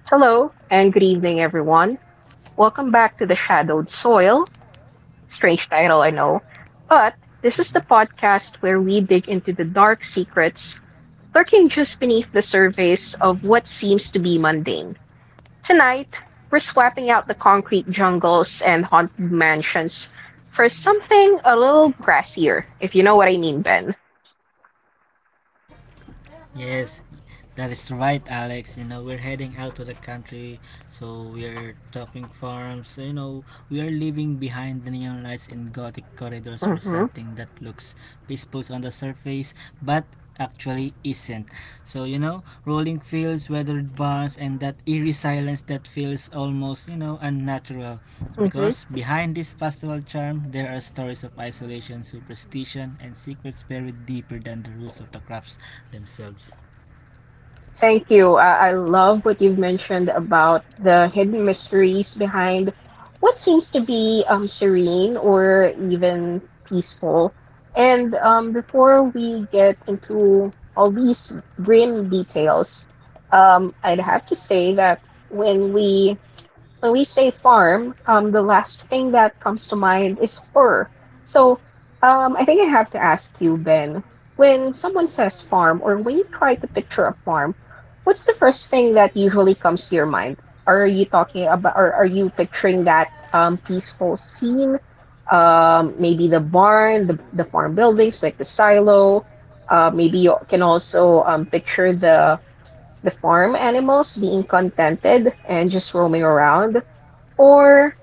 Hello, and good evening, everyone. Welcome back to The Shadowed Soil. Strange title, I know. But this is Mhm. the podcast where we dig into the dark secrets lurking just beneath the surface of what seems to be mundane. Tonight, we're swapping out the concrete jungles and haunted mansions for something a little grassier, if you know what I mean, Ben. Yes, that is right, Alex. We're heading out to the country, so we're talking farms. We are leaving behind the neon lights and gothic corridors for Mm-hmm. something that looks peaceful on the surface, but actually isn't. So, rolling fields, weathered barns, and that eerie silence that feels almost, unnatural. Because behind this pastoral charm, there are stories of isolation, superstition, and secrets buried deeper than the roots of the crops themselves. Thank you. I love what you've mentioned about the hidden mysteries behind what seems to be serene or even peaceful. And before we get into all these grim details, I'd have to say that when we when we say farm, the last thing that comes to mind is fur. So, I think I have to ask you, Ben, when someone says farm or when you try to picture a farm, what's the first thing that usually comes to your mind? Are you talking about, or are you picturing that peaceful scene? Maybe the barn, the farm buildings, like the silo. Maybe you can also picture the farm animals being contented and just roaming around, or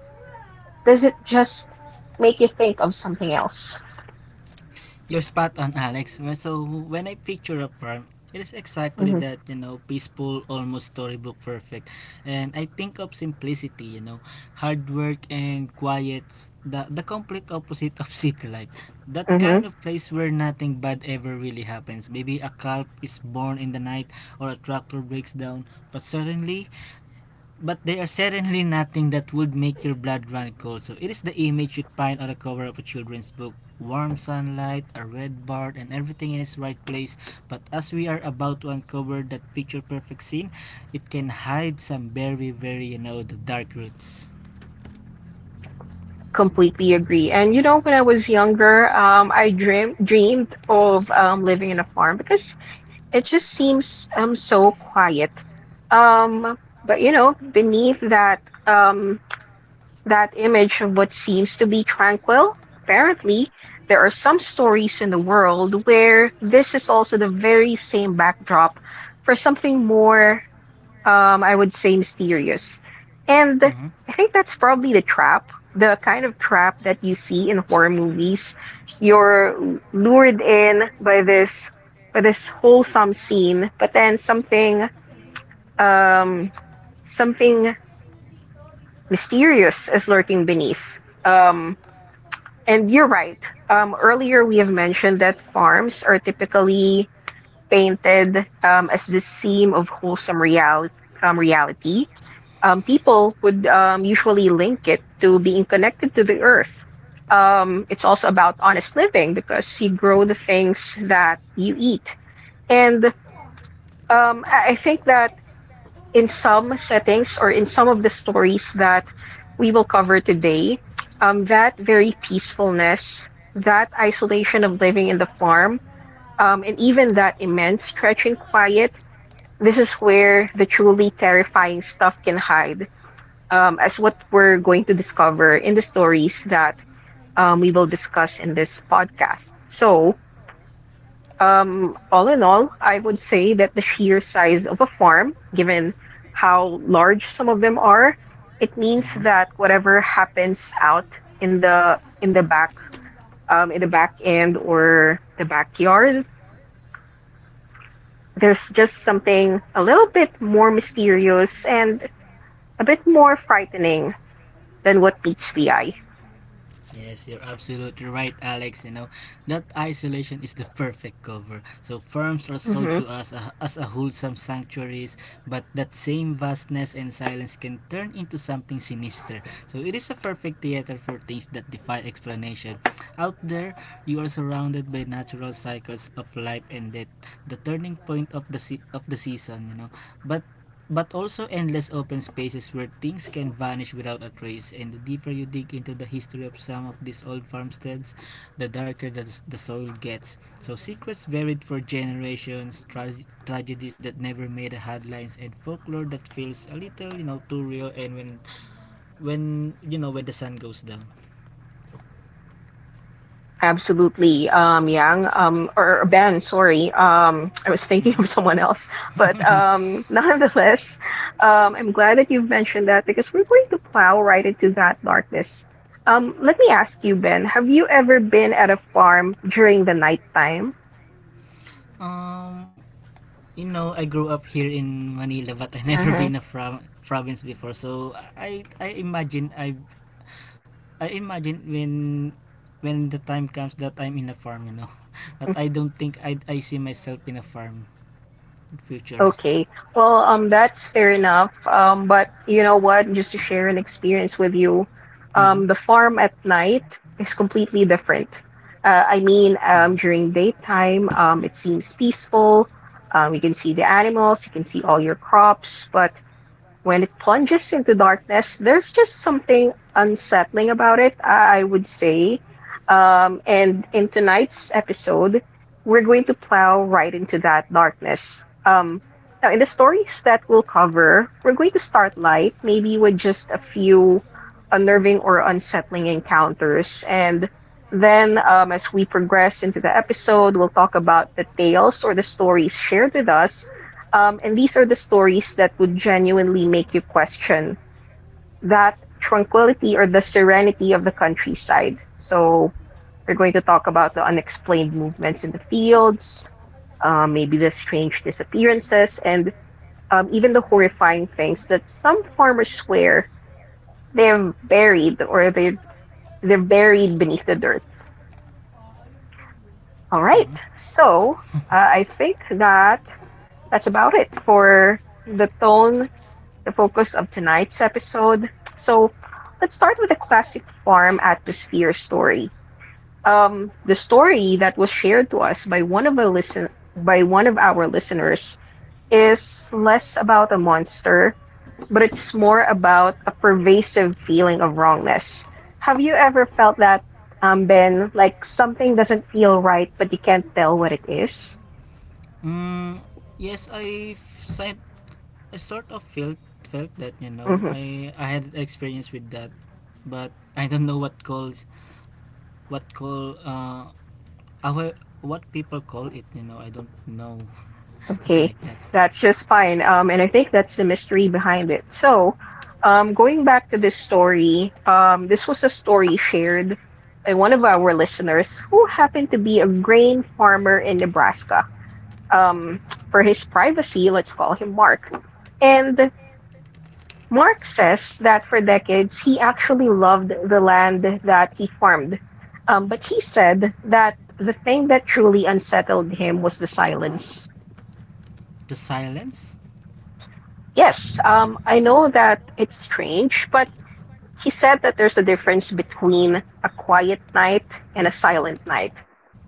does it just make you think of something else? You're spot on, Alex. So, when I picture a farm, it is exactly Hmm. that, peaceful, almost storybook perfect. And I think of simplicity, hard work and quiet, the complete opposite of city life. That Hmm. kind of place where nothing bad ever really happens. Maybe a calf is born in the night or a tractor breaks down, but they are certainly nothing that would make your blood run cold. So it is the image you'd find on the cover of a children's book. Warm sunlight, a red bird, and everything in its right place. But as we are about to uncover that picture perfect scene, it can hide some very, very, the dark roots. Completely agree. And you know, when I was younger, I dreamed of living in a farm because it just seems so quiet. Um, but you know, beneath that um that image of what seems to be tranquil, apparently there are some stories in the world where this is also the very same backdrop for something more, I would say, mysterious. And Mhm, I think that's probably the trap, the kind of trap that you see in horror movies. You're lured in by this wholesome scene, but then um something mysterious is lurking beneath. Um and you're right. Earlier we have mentioned that farms are typically painted as the seam of wholesome reality, people would usually link it to being connected to the earth. It's also about honest living because you grow the things that you eat. And I think that in some settings or in some of the stories that we will cover today, that very peacefulness, that isolation of living in the farm, and even that immense stretching quiet, this is where the truly terrifying stuff can hide, as what we're going to discover in the stories that we will discuss in this podcast. So, all in all, I would say that the sheer size of a farm, given how large some of them are, it means mhm. that whatever happens out in the back end or the backyard, there's just something a little bit more mysterious and a bit more frightening than what meets the eye. Yes, you're absolutely right, Alex. You know, that isolation is the perfect cover. So farms are sold Hmm. to us as a wholesome sanctuaries, but that same vastness and silence can turn into something sinister. So it is a perfect theater for things that defy explanation. Out there, you are surrounded by natural cycles of life and death, the turning point of of the season, you know. But but also endless open spaces where things can vanish without a trace. And the deeper you dig into the history of some of these old farmsteads, the darker the soil gets. So secrets buried for generations, tragedies that never made the headlines, and folklore that feels a little, too real. And when the sun goes down. Absolutely, Yang, or Ben, sorry. I was thinking of someone else. But Mhm. Nonetheless, I'm glad that you've mentioned that because we're going to plow right into that darkness. Let me ask you, Ben, have you ever been at a farm during the nighttime? Um, you know, I grew up here in Manila, but I never Uh-huh. been a province before. So I imagine I imagine when the time comes that I'm in a farm, you know. But I don't think I see myself in a farm in future. Okay. Well, that's fair enough. But you know what? Just to share an experience with you, Mm-hmm. The farm at night is completely different. I mean, Mm-hmm. during daytime, it seems peaceful. You can see the animals, you can see all your crops, but when it plunges into darkness, there's just something unsettling about it, I would say. And in tonight's episode, we're going to plow right into that darkness. Now, in the stories that we'll cover, we're going to start light, maybe with just a few unnerving or unsettling encounters. And then, as we progress into the episode, we'll talk about the tales or the stories shared with us, and these are the stories that would genuinely make you question that tranquility or the serenity of the countryside. So we're going to talk about the unexplained movements in the fields, maybe the strange disappearances, and even the horrifying things that some farmers swear they're buried or they're buried beneath the dirt. All right, Mm-hmm. so I think that that's about it for the focus of tonight's episode. So let's start with a classic farm atmosphere story. The story that was shared to us by one of a listen by one of our listeners is less about a monster, but it's more about a pervasive feeling of wrongness. Have you ever felt that, Ben? Like something doesn't feel right, but you can't tell what it is? Mm, yes, signed, I sort of felt felt that you know Mm-hmm. I had experience with that, but I don't know what calls what call our what people call it, you know, I don't know. Something Okay, like that. that's just fine. And I think that's the mystery behind it. So, going back to this story, this was a story shared by one of our listeners who happened to be a grain farmer in Nebraska. Um, for his privacy, let's call him Mark. And Mark says that for decades he actually loved the land that he farmed. But he said that the thing that truly unsettled him was the silence. The silence? Yes, I know that it's strange, but he said that there's a difference between a quiet night and a silent night.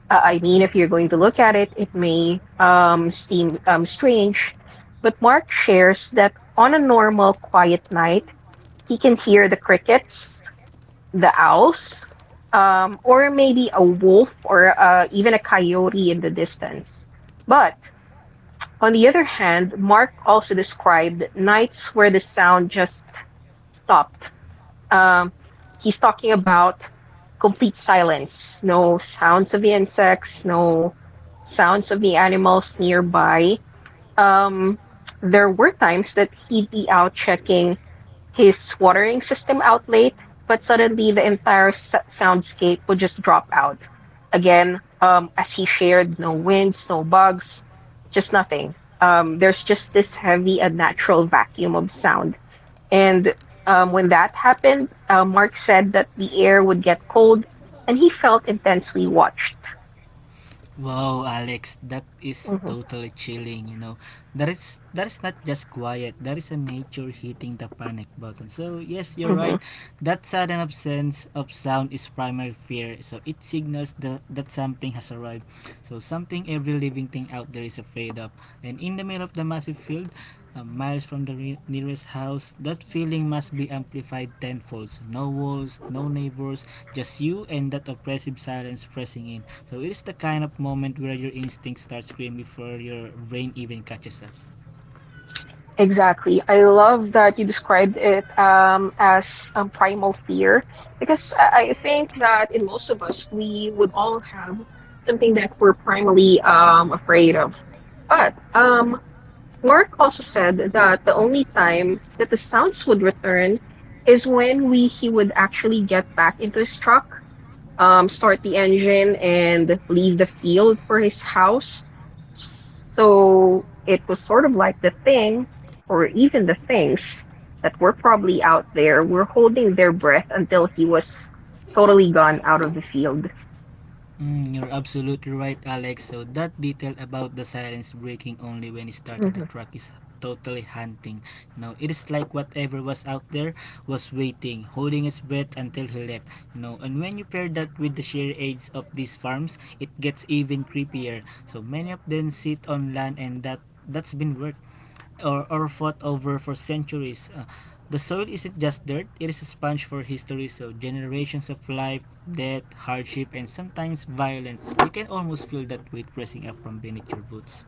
I mean, if you're going to look at it, it may seem strange, but Mark shares that on a normal quiet night, he can hear the crickets, the owls, or maybe a wolf or even a coyote in the distance. But on the other hand, Mark also described nights where the sound just stopped. Um, he's talking about complete silence, no sounds of the insects, no sounds of the animals nearby. Um, there were times that he'd be out checking his watering system out late, but suddenly the entire soundscape would just drop out. Again, as he shared, no winds, no bugs, just nothing. There's just this heavy, unnatural vacuum of sound. And when that happened, Mark said that the air would get cold, and he felt intensely watched. Wow, Alex, that is Mhm, totally chilling, you know. That is not just quiet. That is a nature hitting the panic button. So, yes, you're mhm. right. That sudden absence of sound is primal fear. So, it signals that something has arrived. So something every living thing out there is afraid of. And in the middle of the massive field, miles from the nearest house, that feeling must be amplified tenfold. No walls, no neighbors, just you and that oppressive silence pressing in. So it is the kind of moment where your instincts start screaming before your brain even catches up. Exactly. I love that you described it as primal fear because I think that in most of us, we would all have something that we're primarily afraid of. But Mark also said that the only time that the sounds would return is when we he would actually get back into his truck, start the engine and leave the field for his house. So it was sort of like the thing, or even the things that were probably out there were holding their breath until he was totally gone out of the field. Mm, you're absolutely right, Alex. So that detail about the silence breaking only when it started the Mm-hmm. truck is totally haunting. You know, it is like whatever was out there was waiting, holding its breath until he left. You know, and when you pair that with the sheer age of these farms, it gets even creepier. So many of them sit on land and that that's been worked or fought over for centuries. The soil isn't just dirt, it is a sponge for history, so generations of life, death, hardship, and sometimes violence. You can almost feel that weight pressing up from beneath your boots.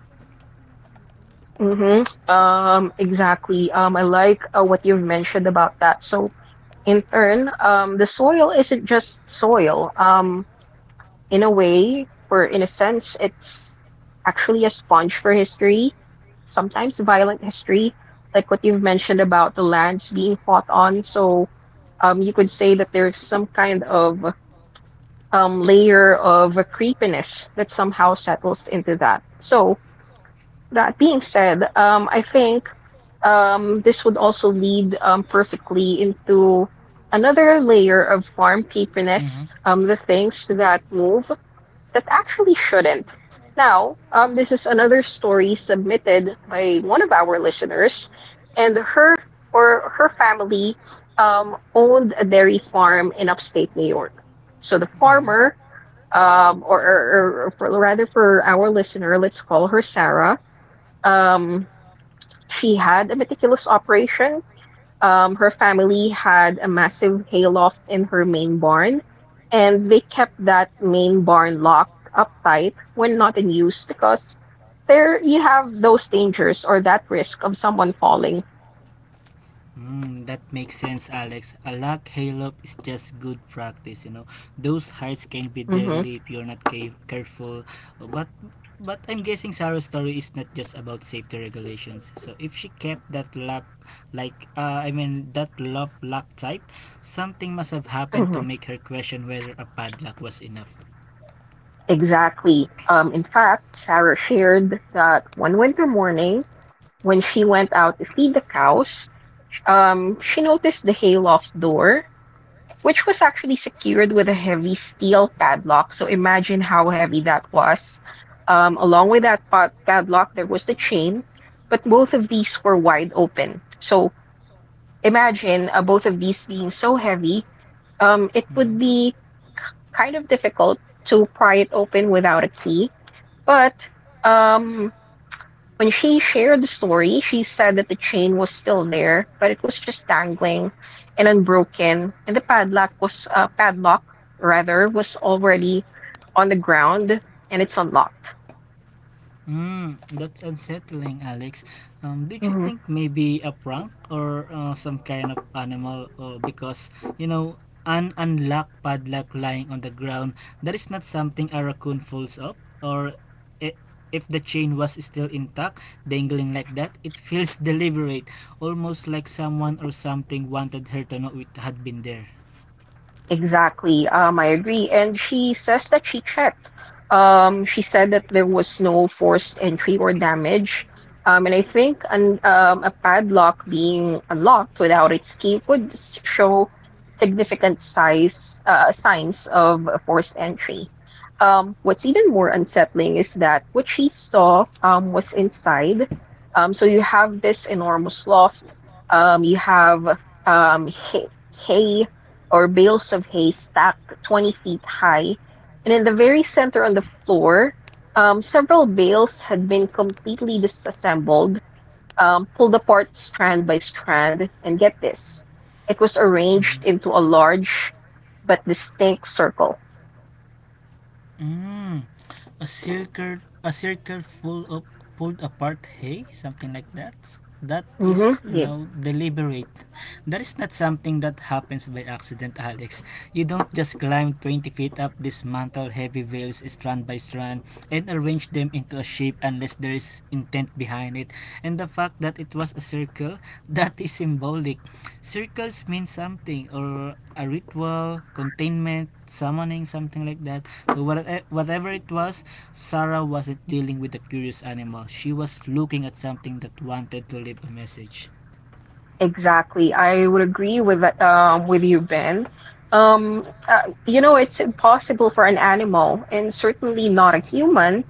Mm-hmm. Exactly. I like what you've mentioned about that. So in turn, the soil isn't just soil. In a way, or in a sense, it's actually a sponge for history, sometimes violent history, like what you've mentioned about the lands being fought on. So you could say that there's some kind of layer of creepiness that somehow settles into that. So that being said, I think this would also lead perfectly into another layer of farm Mhm. creepiness, the things that move that actually shouldn't. Now, this is another story submitted by one of our listeners, and her family owned a dairy farm in upstate New York. So the Mhm. farmer, rather for our listener, let's call her Sarah. Um, she had a meticulous operation. Her family had a massive hayloft in her main barn, and they kept that main barn locked up tight when not in use because there you have those dangers or that risk of someone falling. Mm, that makes sense, Alex. A luck halo is just good practice, you know. Those heights can be Hmm. deadly if you're not careful. But but I'm guessing Sarah's story is not just about safety regulations. So if she kept that luck, I mean that love luck tight, something must have happened to Hmm. make her question whether a padlock was enough. Exactly. In fact, Sarah shared that one winter morning when she went out to feed the cows, she noticed the hayloft door, which was actually secured with a heavy steel padlock. So imagine how heavy that was. Along with that padlock, there was the chain, but both of these were wide open. So imagine both of these being so heavy, it Mhm. would be kind of difficult to pry it open without a key. But um, when she shared the story, she said that the chain was still there, but it was just dangling and unbroken, and the padlock was padlock rather was already on the ground and it's unlocked. Mm, that's unsettling, Alex. Um, did you think maybe a prank or some kind of animal? Or because you know, an unlocked padlock lying on the ground that is not something a raccoon folds up. Or i- if the chain was still intact, dangling like that, it feels deliberate, almost like someone or something wanted her to know it had been there. Exactly. I agree. And she says that she checked. She said that there was no forced entry or damage. And I think a padlock being unlocked without its key would show significant size signs of a forced entry. What's even more unsettling is that what she saw was inside. So you have this enormous loft. You have um, hay, or bales of hay stacked 20 feet high, and in the very center on the floor, several bales had been completely disassembled, pulled apart strand by strand, and get this, it was arranged into a large but distinct circle. Mm, a circle full of pulled apart hay, something like that. That Hmm is, you Yeah, know, deliberate. That is not something that happens by accident, Alex. You don't just climb twenty feet up, dismantle heavy veils strand by strand, and arrange them into a shape unless there is intent behind it. And the fact that it was a circle, that is symbolic. Circles mean something or a ritual, containment, summoning, something like that. So whatever it was, Sarah wasn't dealing with a curious animal. She was looking at something that wanted to leave a message. exactly. I would agree with that, with you, Ben. It's impossible for an animal, and certainly not a human,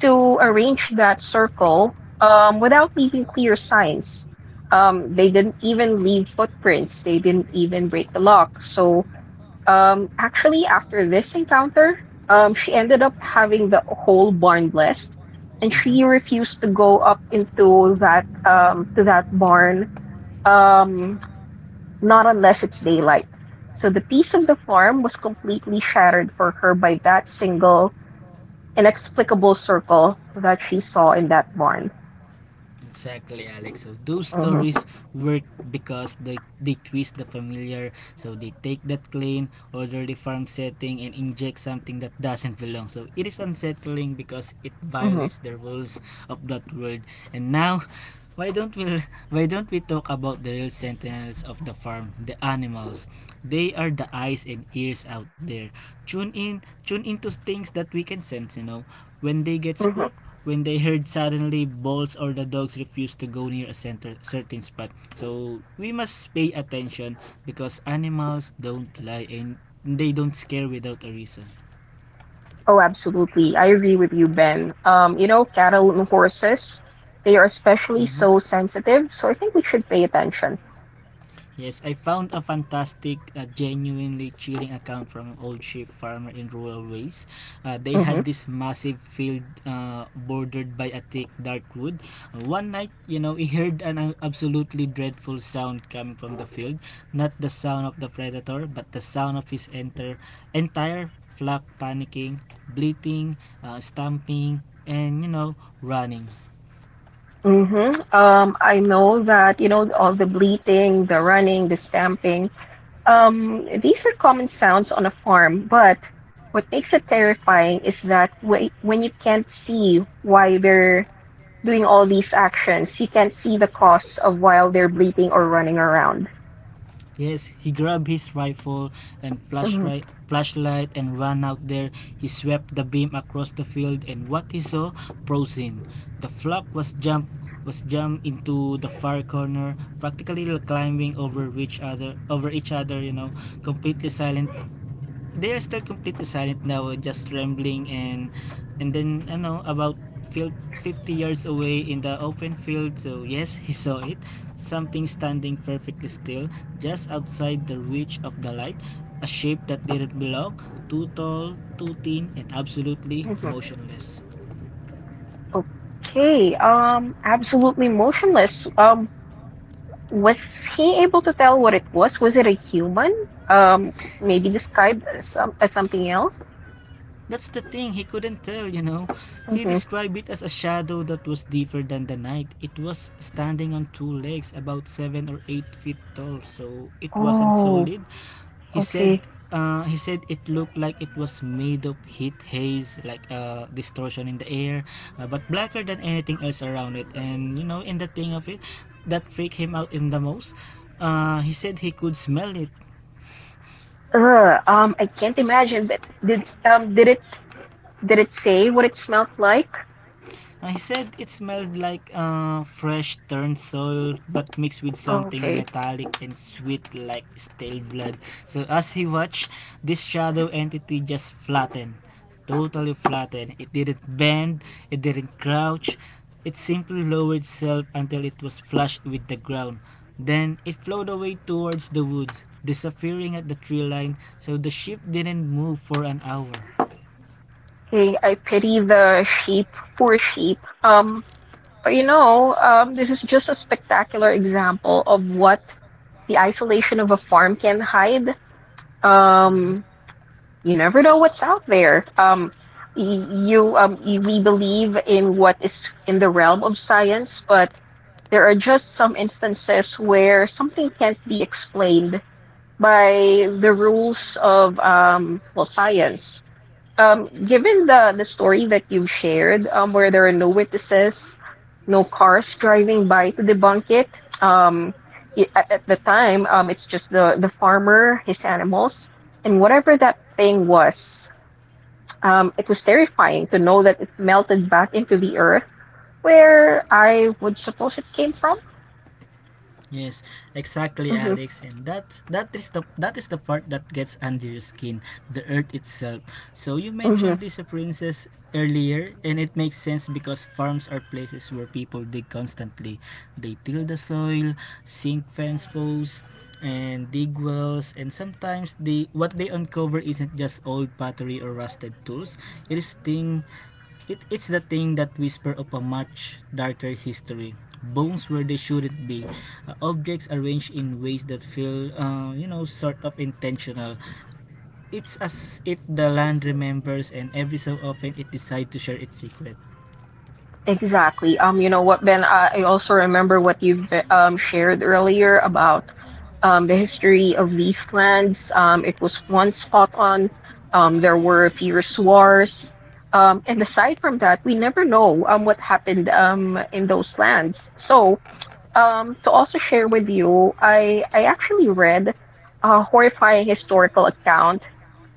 to arrange that circle without leaving clear signs. They didn't even leave footprints. They didn't even break the lock. So actually, after this encounter, she ended up having the whole barn blessed, and she refused to go up into that barn, um, not unless it's daylight. So the peace of the farm was completely shattered for her by that single inexplicable circle that she saw in that barn. Exactly, Alex. So those Hmm stories work because they twist the familiar. So they take that clean, orderly farm setting, and inject something that doesn't belong. So it is unsettling because it hmm violates the rules of that world. And now, why don't we why don't we talk about the real sentinels of the farm, the animals? They are the eyes and ears out there. Tune into things that we can sense. You know, when they get hmm spooked, when they heard suddenly balls or the dogs refuse to go near a certain spot. So we must pay attention because animals don't lie and they don't scare without a reason. Oh, absolutely. I agree with you, Ben. You know, cattle and horses, they are especially Mhm. so sensitive, so I think we should pay attention. Yes, I found a fantastic, genuinely chilling account from an old sheep farmer in rural ways. They Hmm had this massive field bordered by a thick dark wood. One night, you know, he heard an absolutely dreadful sound coming from the field. Not the sound of the predator, but the sound of his entire flock panicking, bleating, stamping, and you know, running. hmm I know that, you know, all the bleating, the running, the stamping, these are common sounds on a farm, but what makes it terrifying is that when you can't see why they're doing all these actions, you can't see the cause of while they're bleating or running around. Yes, he grabbed his rifle and Mhm, flashlight and ran out there. He swept the beam across the field and what he saw froze him. The flock was jump was jumped into the far corner, practically climbing over each other, you know, completely silent they are still completely silent now, just rambling and then I know about fifty yards away in the open field. So yes, he saw it. Something standing perfectly still, just outside the reach of the light. A shape that didn't belong, too tall, too thin, and absolutely mhm. motionless. Okay. Absolutely motionless. Was he able to tell what it was? Was it a human? Um, maybe described as, some, as something else? That's the thing, he couldn't tell, you know. He Hmm described it as a shadow that was deeper than the night. It was standing on two legs, about seven or eight feet tall, so it wasn't Oh, solid. Okay. He said it looked like it was made of heat haze, like a distortion in the air, but blacker than anything else around it. And you know, in the thing of it, that freaked him out in the most. He said he could smell it. I can't imagine. But did it say what it smelled like? He said it smelled like fresh turned soil, but mixed with something Okay. metallic and sweet like stale blood. So as he watched, this shadow entity just flattened, totally flattened. It didn't bend, it didn't crouch. It simply lowered itself until it was flush with the ground. Then it flowed away towards the woods, disappearing at the tree line. So the ship didn't move for an hour. Okay, I pity the sheep. Poor sheep. But you know, this is just a spectacular example of what the isolation of a farm can hide. Mm-hmm. Um, you never know what's out there. Y- we believe in what is in the realm of science, but there are just some instances where something can't be explained by the rules of well, science. Given the story that you've shared, where there are no witnesses, no cars driving by to debunk it, um, at the time, it's just the farmer, his animals, and whatever that thing was. It was terrifying to know that it melted back into the earth, where I would suppose it came from. Yes, exactly, Hmm Alex. And that is the part that gets under your skin, the earth itself. So you hmm mentioned this princess earlier, and it makes sense because farms are places where people dig constantly. They till the soil, sink fence posts, and dig wells. And sometimes what they uncover isn't just old pottery or rusted tools. It is thing it's the thing that whispers of a much darker history. Bones where they shouldn't be. Objects arranged in ways that feel, sort of intentional. It's as if the land remembers and every so often it decides to share its secret. Exactly. You know what, Ben, I also remember what you've shared earlier about the history of these lands. It was once fought on. There were fierce wars. And aside from that, we never know what happened in those lands. So, to also share with you, I actually read a horrifying historical account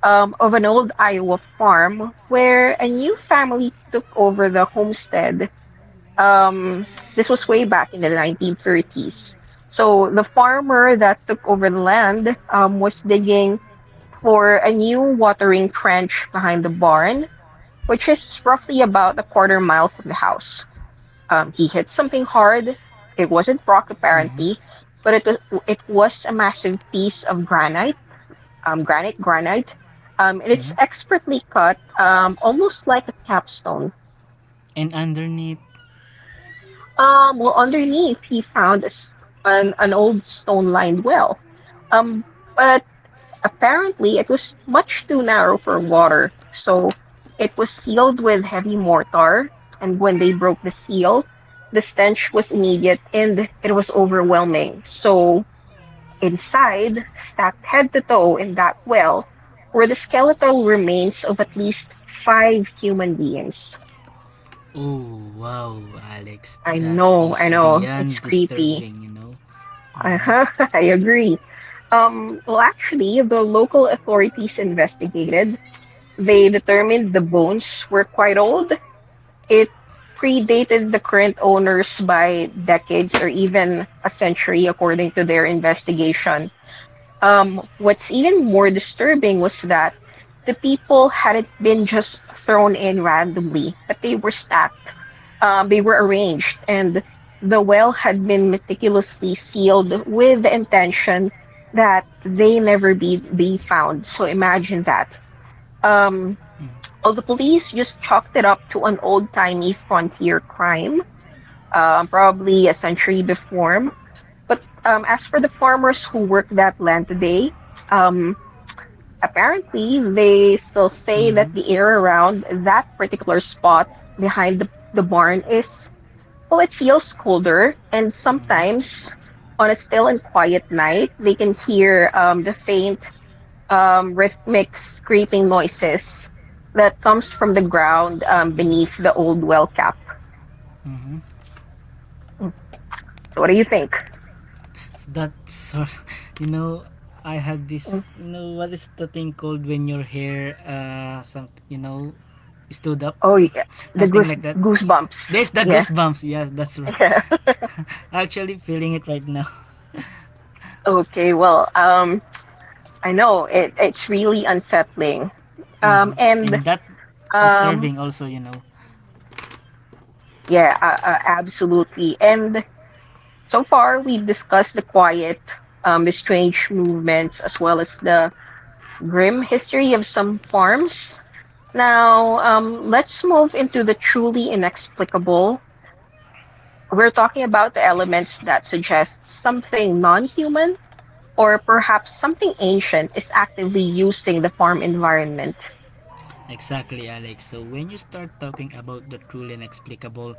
of an old Iowa farm where a new family took over the homestead, um, this was way back in the 1930s. So the farmer that took over the land was digging for a new watering trench behind the barn, which is roughly about a quarter mile from the house. He hit something hard. It wasn't rock Mhm. apparently, but it was a massive piece of granite, um, granite, granite, and Mhm. it's expertly cut, almost like a capstone. And underneath, Underneath he found an old stone-lined well. Um, but apparently it was much too narrow for water, so it was sealed with heavy mortar, and when they broke the seal, the stench was immediate and it was overwhelming. So inside, stacked head to toe in that well, were the skeletal remains of at least five human beings. oh wow, Alex, that I is know, it's beyond creepy. disturbing, you know. Uh-huh, I agree. Well, actually, the local authorities investigated. They determined the bones were quite old. It predated the current owners by decades or even a century, according to their investigation. What's even more disturbing was that the people hadn't been just thrown in randomly, but they were stacked. They were arranged, and the well had been meticulously sealed with the intention that they never be found. So imagine that. Um, Mm. well, the police just chalked it up to an old-timey frontier crime, probably a century before. But as for the farmers who work that land today, um, apparently, they still say Mm-hmm. that the air around that particular spot behind the barn is, well, it feels colder, and Mm-hmm. sometimes on a still and quiet night, they can hear the faint rhythmic scraping noises that comes from the ground beneath the old well cap. Mm-hmm. So, what do you think? That's you know, I had Mm. this. You know, what is the thing called when your hair, stood up, Oh, yeah, the something like that. goosebumps. This the Yeah, goosebumps. Yes, that's right. yeah. Actually, feeling it right now. Okay, well, I know it, it's really unsettling. Um, Mm-hmm. and And that um, disturbing also, you know. yeah, absolutely. And so far, we've discussed the quiet, the strange movements, as well as the grim history of some farms. Now, let's move into the truly inexplicable. We're talking about the elements that suggest something non human or perhaps something ancient is actively using the farm environment. Exactly, Alex. So when you start talking about the truly inexplicable,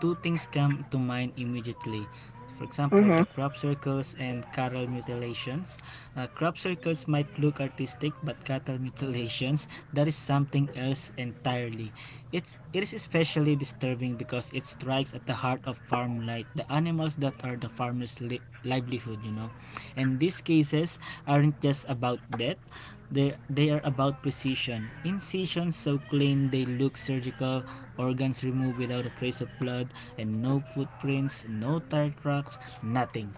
two things come to mind immediately. For example, Mm-hmm. the crop circles and cattle mutilations. Crop circles might look artistic, but cattle mutilations, that is something else entirely. It is especially disturbing because it strikes at the heart of farm life, the animals that are the farmers' livelihood, you know, and these cases aren't just about death, they are about precision incisions so clean they look surgical, organs removed without a trace of blood and no footprints, no tire tracks, nothing.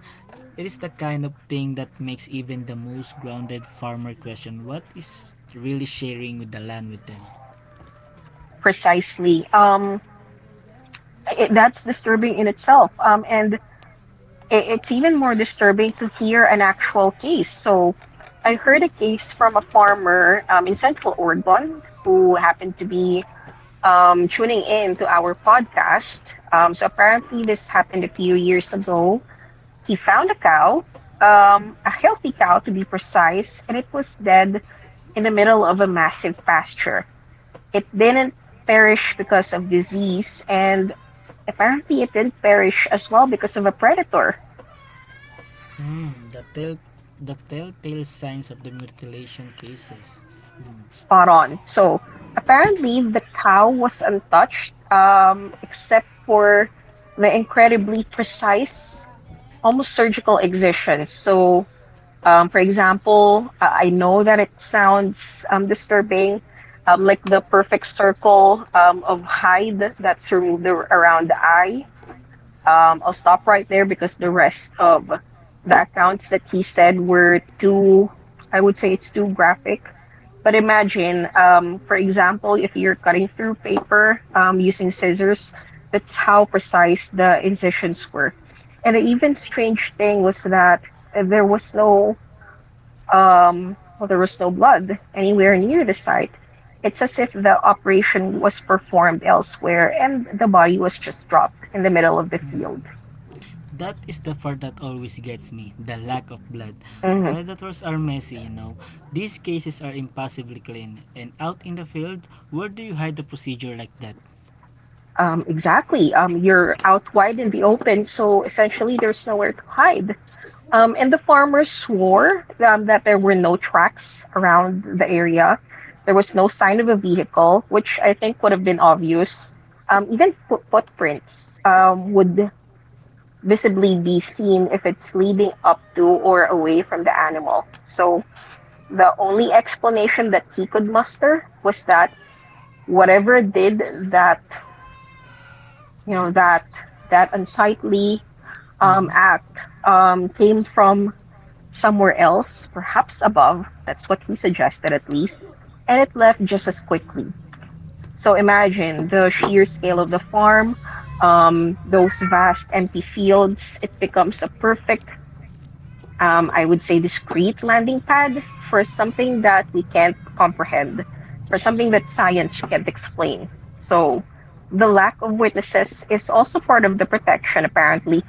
It is the kind of thing that makes even the most grounded farmer question what is really sharing with the land with them. Precisely. That's disturbing in itself. It's even more disturbing to hear an actual case. So I heard a case from a farmer in Central Oregon who happened to be tuning in to our podcast. So apparently, this happened a few years ago. He found a cow, a healthy cow to be precise, and it was dead in the middle of a massive pasture. It didn't perish because of disease, and apparently it did perish as well because of a predator. Hmm, the telltale signs of the mutilation cases. Spot on. So apparently the cow was untouched, except for the incredibly precise, almost surgical excisions. So, for example, I know that it sounds disturbing, like the perfect circle of hide that's removed around the eye. I'll stop right there because the rest of the accounts that he said were too, I would say it's too graphic. But imagine, for example, if you're cutting through paper using scissors, that's how precise the incisions were. And the even strange thing was that there was no, there was no blood anywhere near the site. It's as if the operation was performed elsewhere and the body was just dropped in the middle of the field. That is the part that always gets me, the lack of blood. Mhm. Predators are messy, you know. These cases are impossibly clean. And out in the field, where do you hide the procedure like that? Exactly. You're out wide in the open, so essentially there's nowhere to hide. And the farmers swore that there were no tracks around the area. There was no sign of a vehicle, which I think would have been obvious. Even footprints would visibly be seen if it's leading up to or away from the animal. So the only explanation that he could muster was that whatever did that, you know, that that unsightly Mhm. act came from somewhere else, perhaps above. That's what he suggested, at least, and it left just as quickly. So imagine the sheer scale of the farm, those vast empty fields. It becomes a perfect, I would say, discrete landing pad for something that we can't comprehend, for something that science can't explain. So the lack of witnesses is also part of the protection, apparently.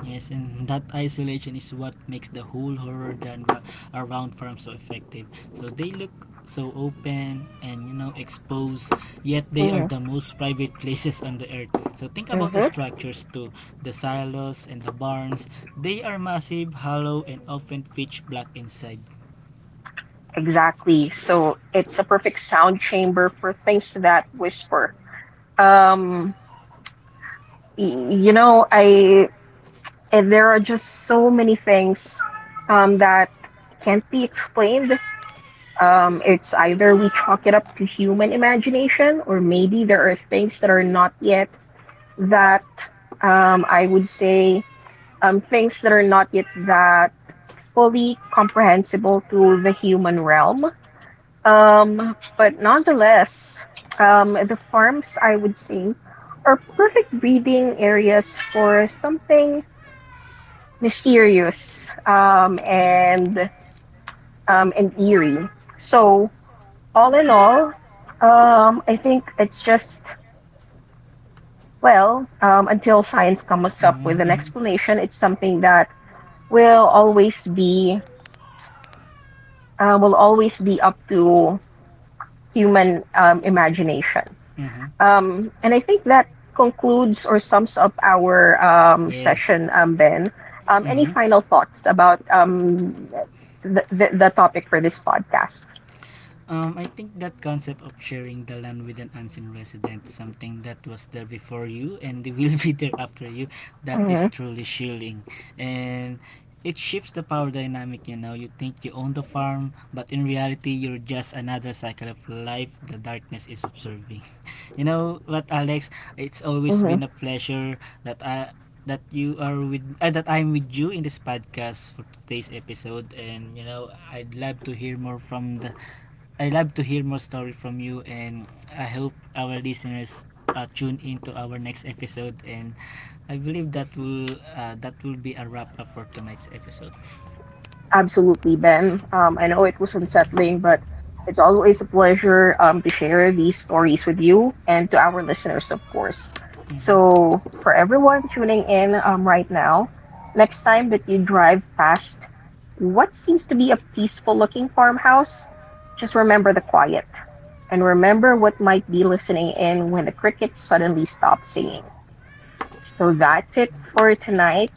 Yes, and that isolation is what makes the whole horror genre around farm so effective. So they look so open and you know exposed, yet they are Mm-hmm. the most private places on the earth. So think about the structures too, the silos and the barns. They are massive, hollow, and often pitch black inside. Exactly. So it's a perfect sound chamber for things that whisper. Um, y- you know, I and there are just so many things that can't be explained. It's either we chalk it up to human imagination, or maybe there are things that are not yet that, I would say, things that are not yet that fully comprehensible to the human realm. But nonetheless, the farms, I would say, are perfect breeding areas for something mysterious and eerie. So all in all, I think it's just, well, until science comes up with an Mm-hmm. Mm-hmm. explanation, it's something that will always be will always be up to human imagination. Mm-hmm. And I think that concludes or sums up our Yes. session, Ben. Any Mmhmm. final thoughts about the topic for this podcast? I think that concept of sharing the land with an unseen resident, something that was there before you and they will be there after you, that is Hmm truly shielding. And it shifts the power dynamic, you know. You think you own the farm, but in reality, you're just another cycle of life the darkness is observing. You know what, Alex? It's always been a pleasure that I that you are with that I'm with you in this podcast for today's episode, and you know I love to hear more story from you, and I hope our listeners tune into our next episode, and I believe that will be a wrap up for tonight's episode. Absolutely, Ben. I know it was unsettling, but it's always a pleasure to share these stories with you and to our listeners, of course. Mhm. So, for everyone tuning in right now, next time that you drive past what seems to be a peaceful looking farmhouse, just remember the quiet and remember what might be listening in when the crickets suddenly stop singing. So that's it for tonight.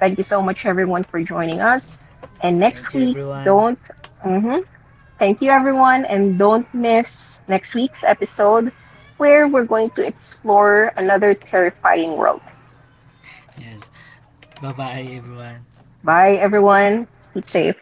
Thank you so much, everyone, for joining us. And next Thank you week, everyone. don't. Hmm Thank you, everyone. And don't miss next week's episode where we're going to explore another terrifying world. Yes. Bye bye everyone. Bye, everyone. Keep safe.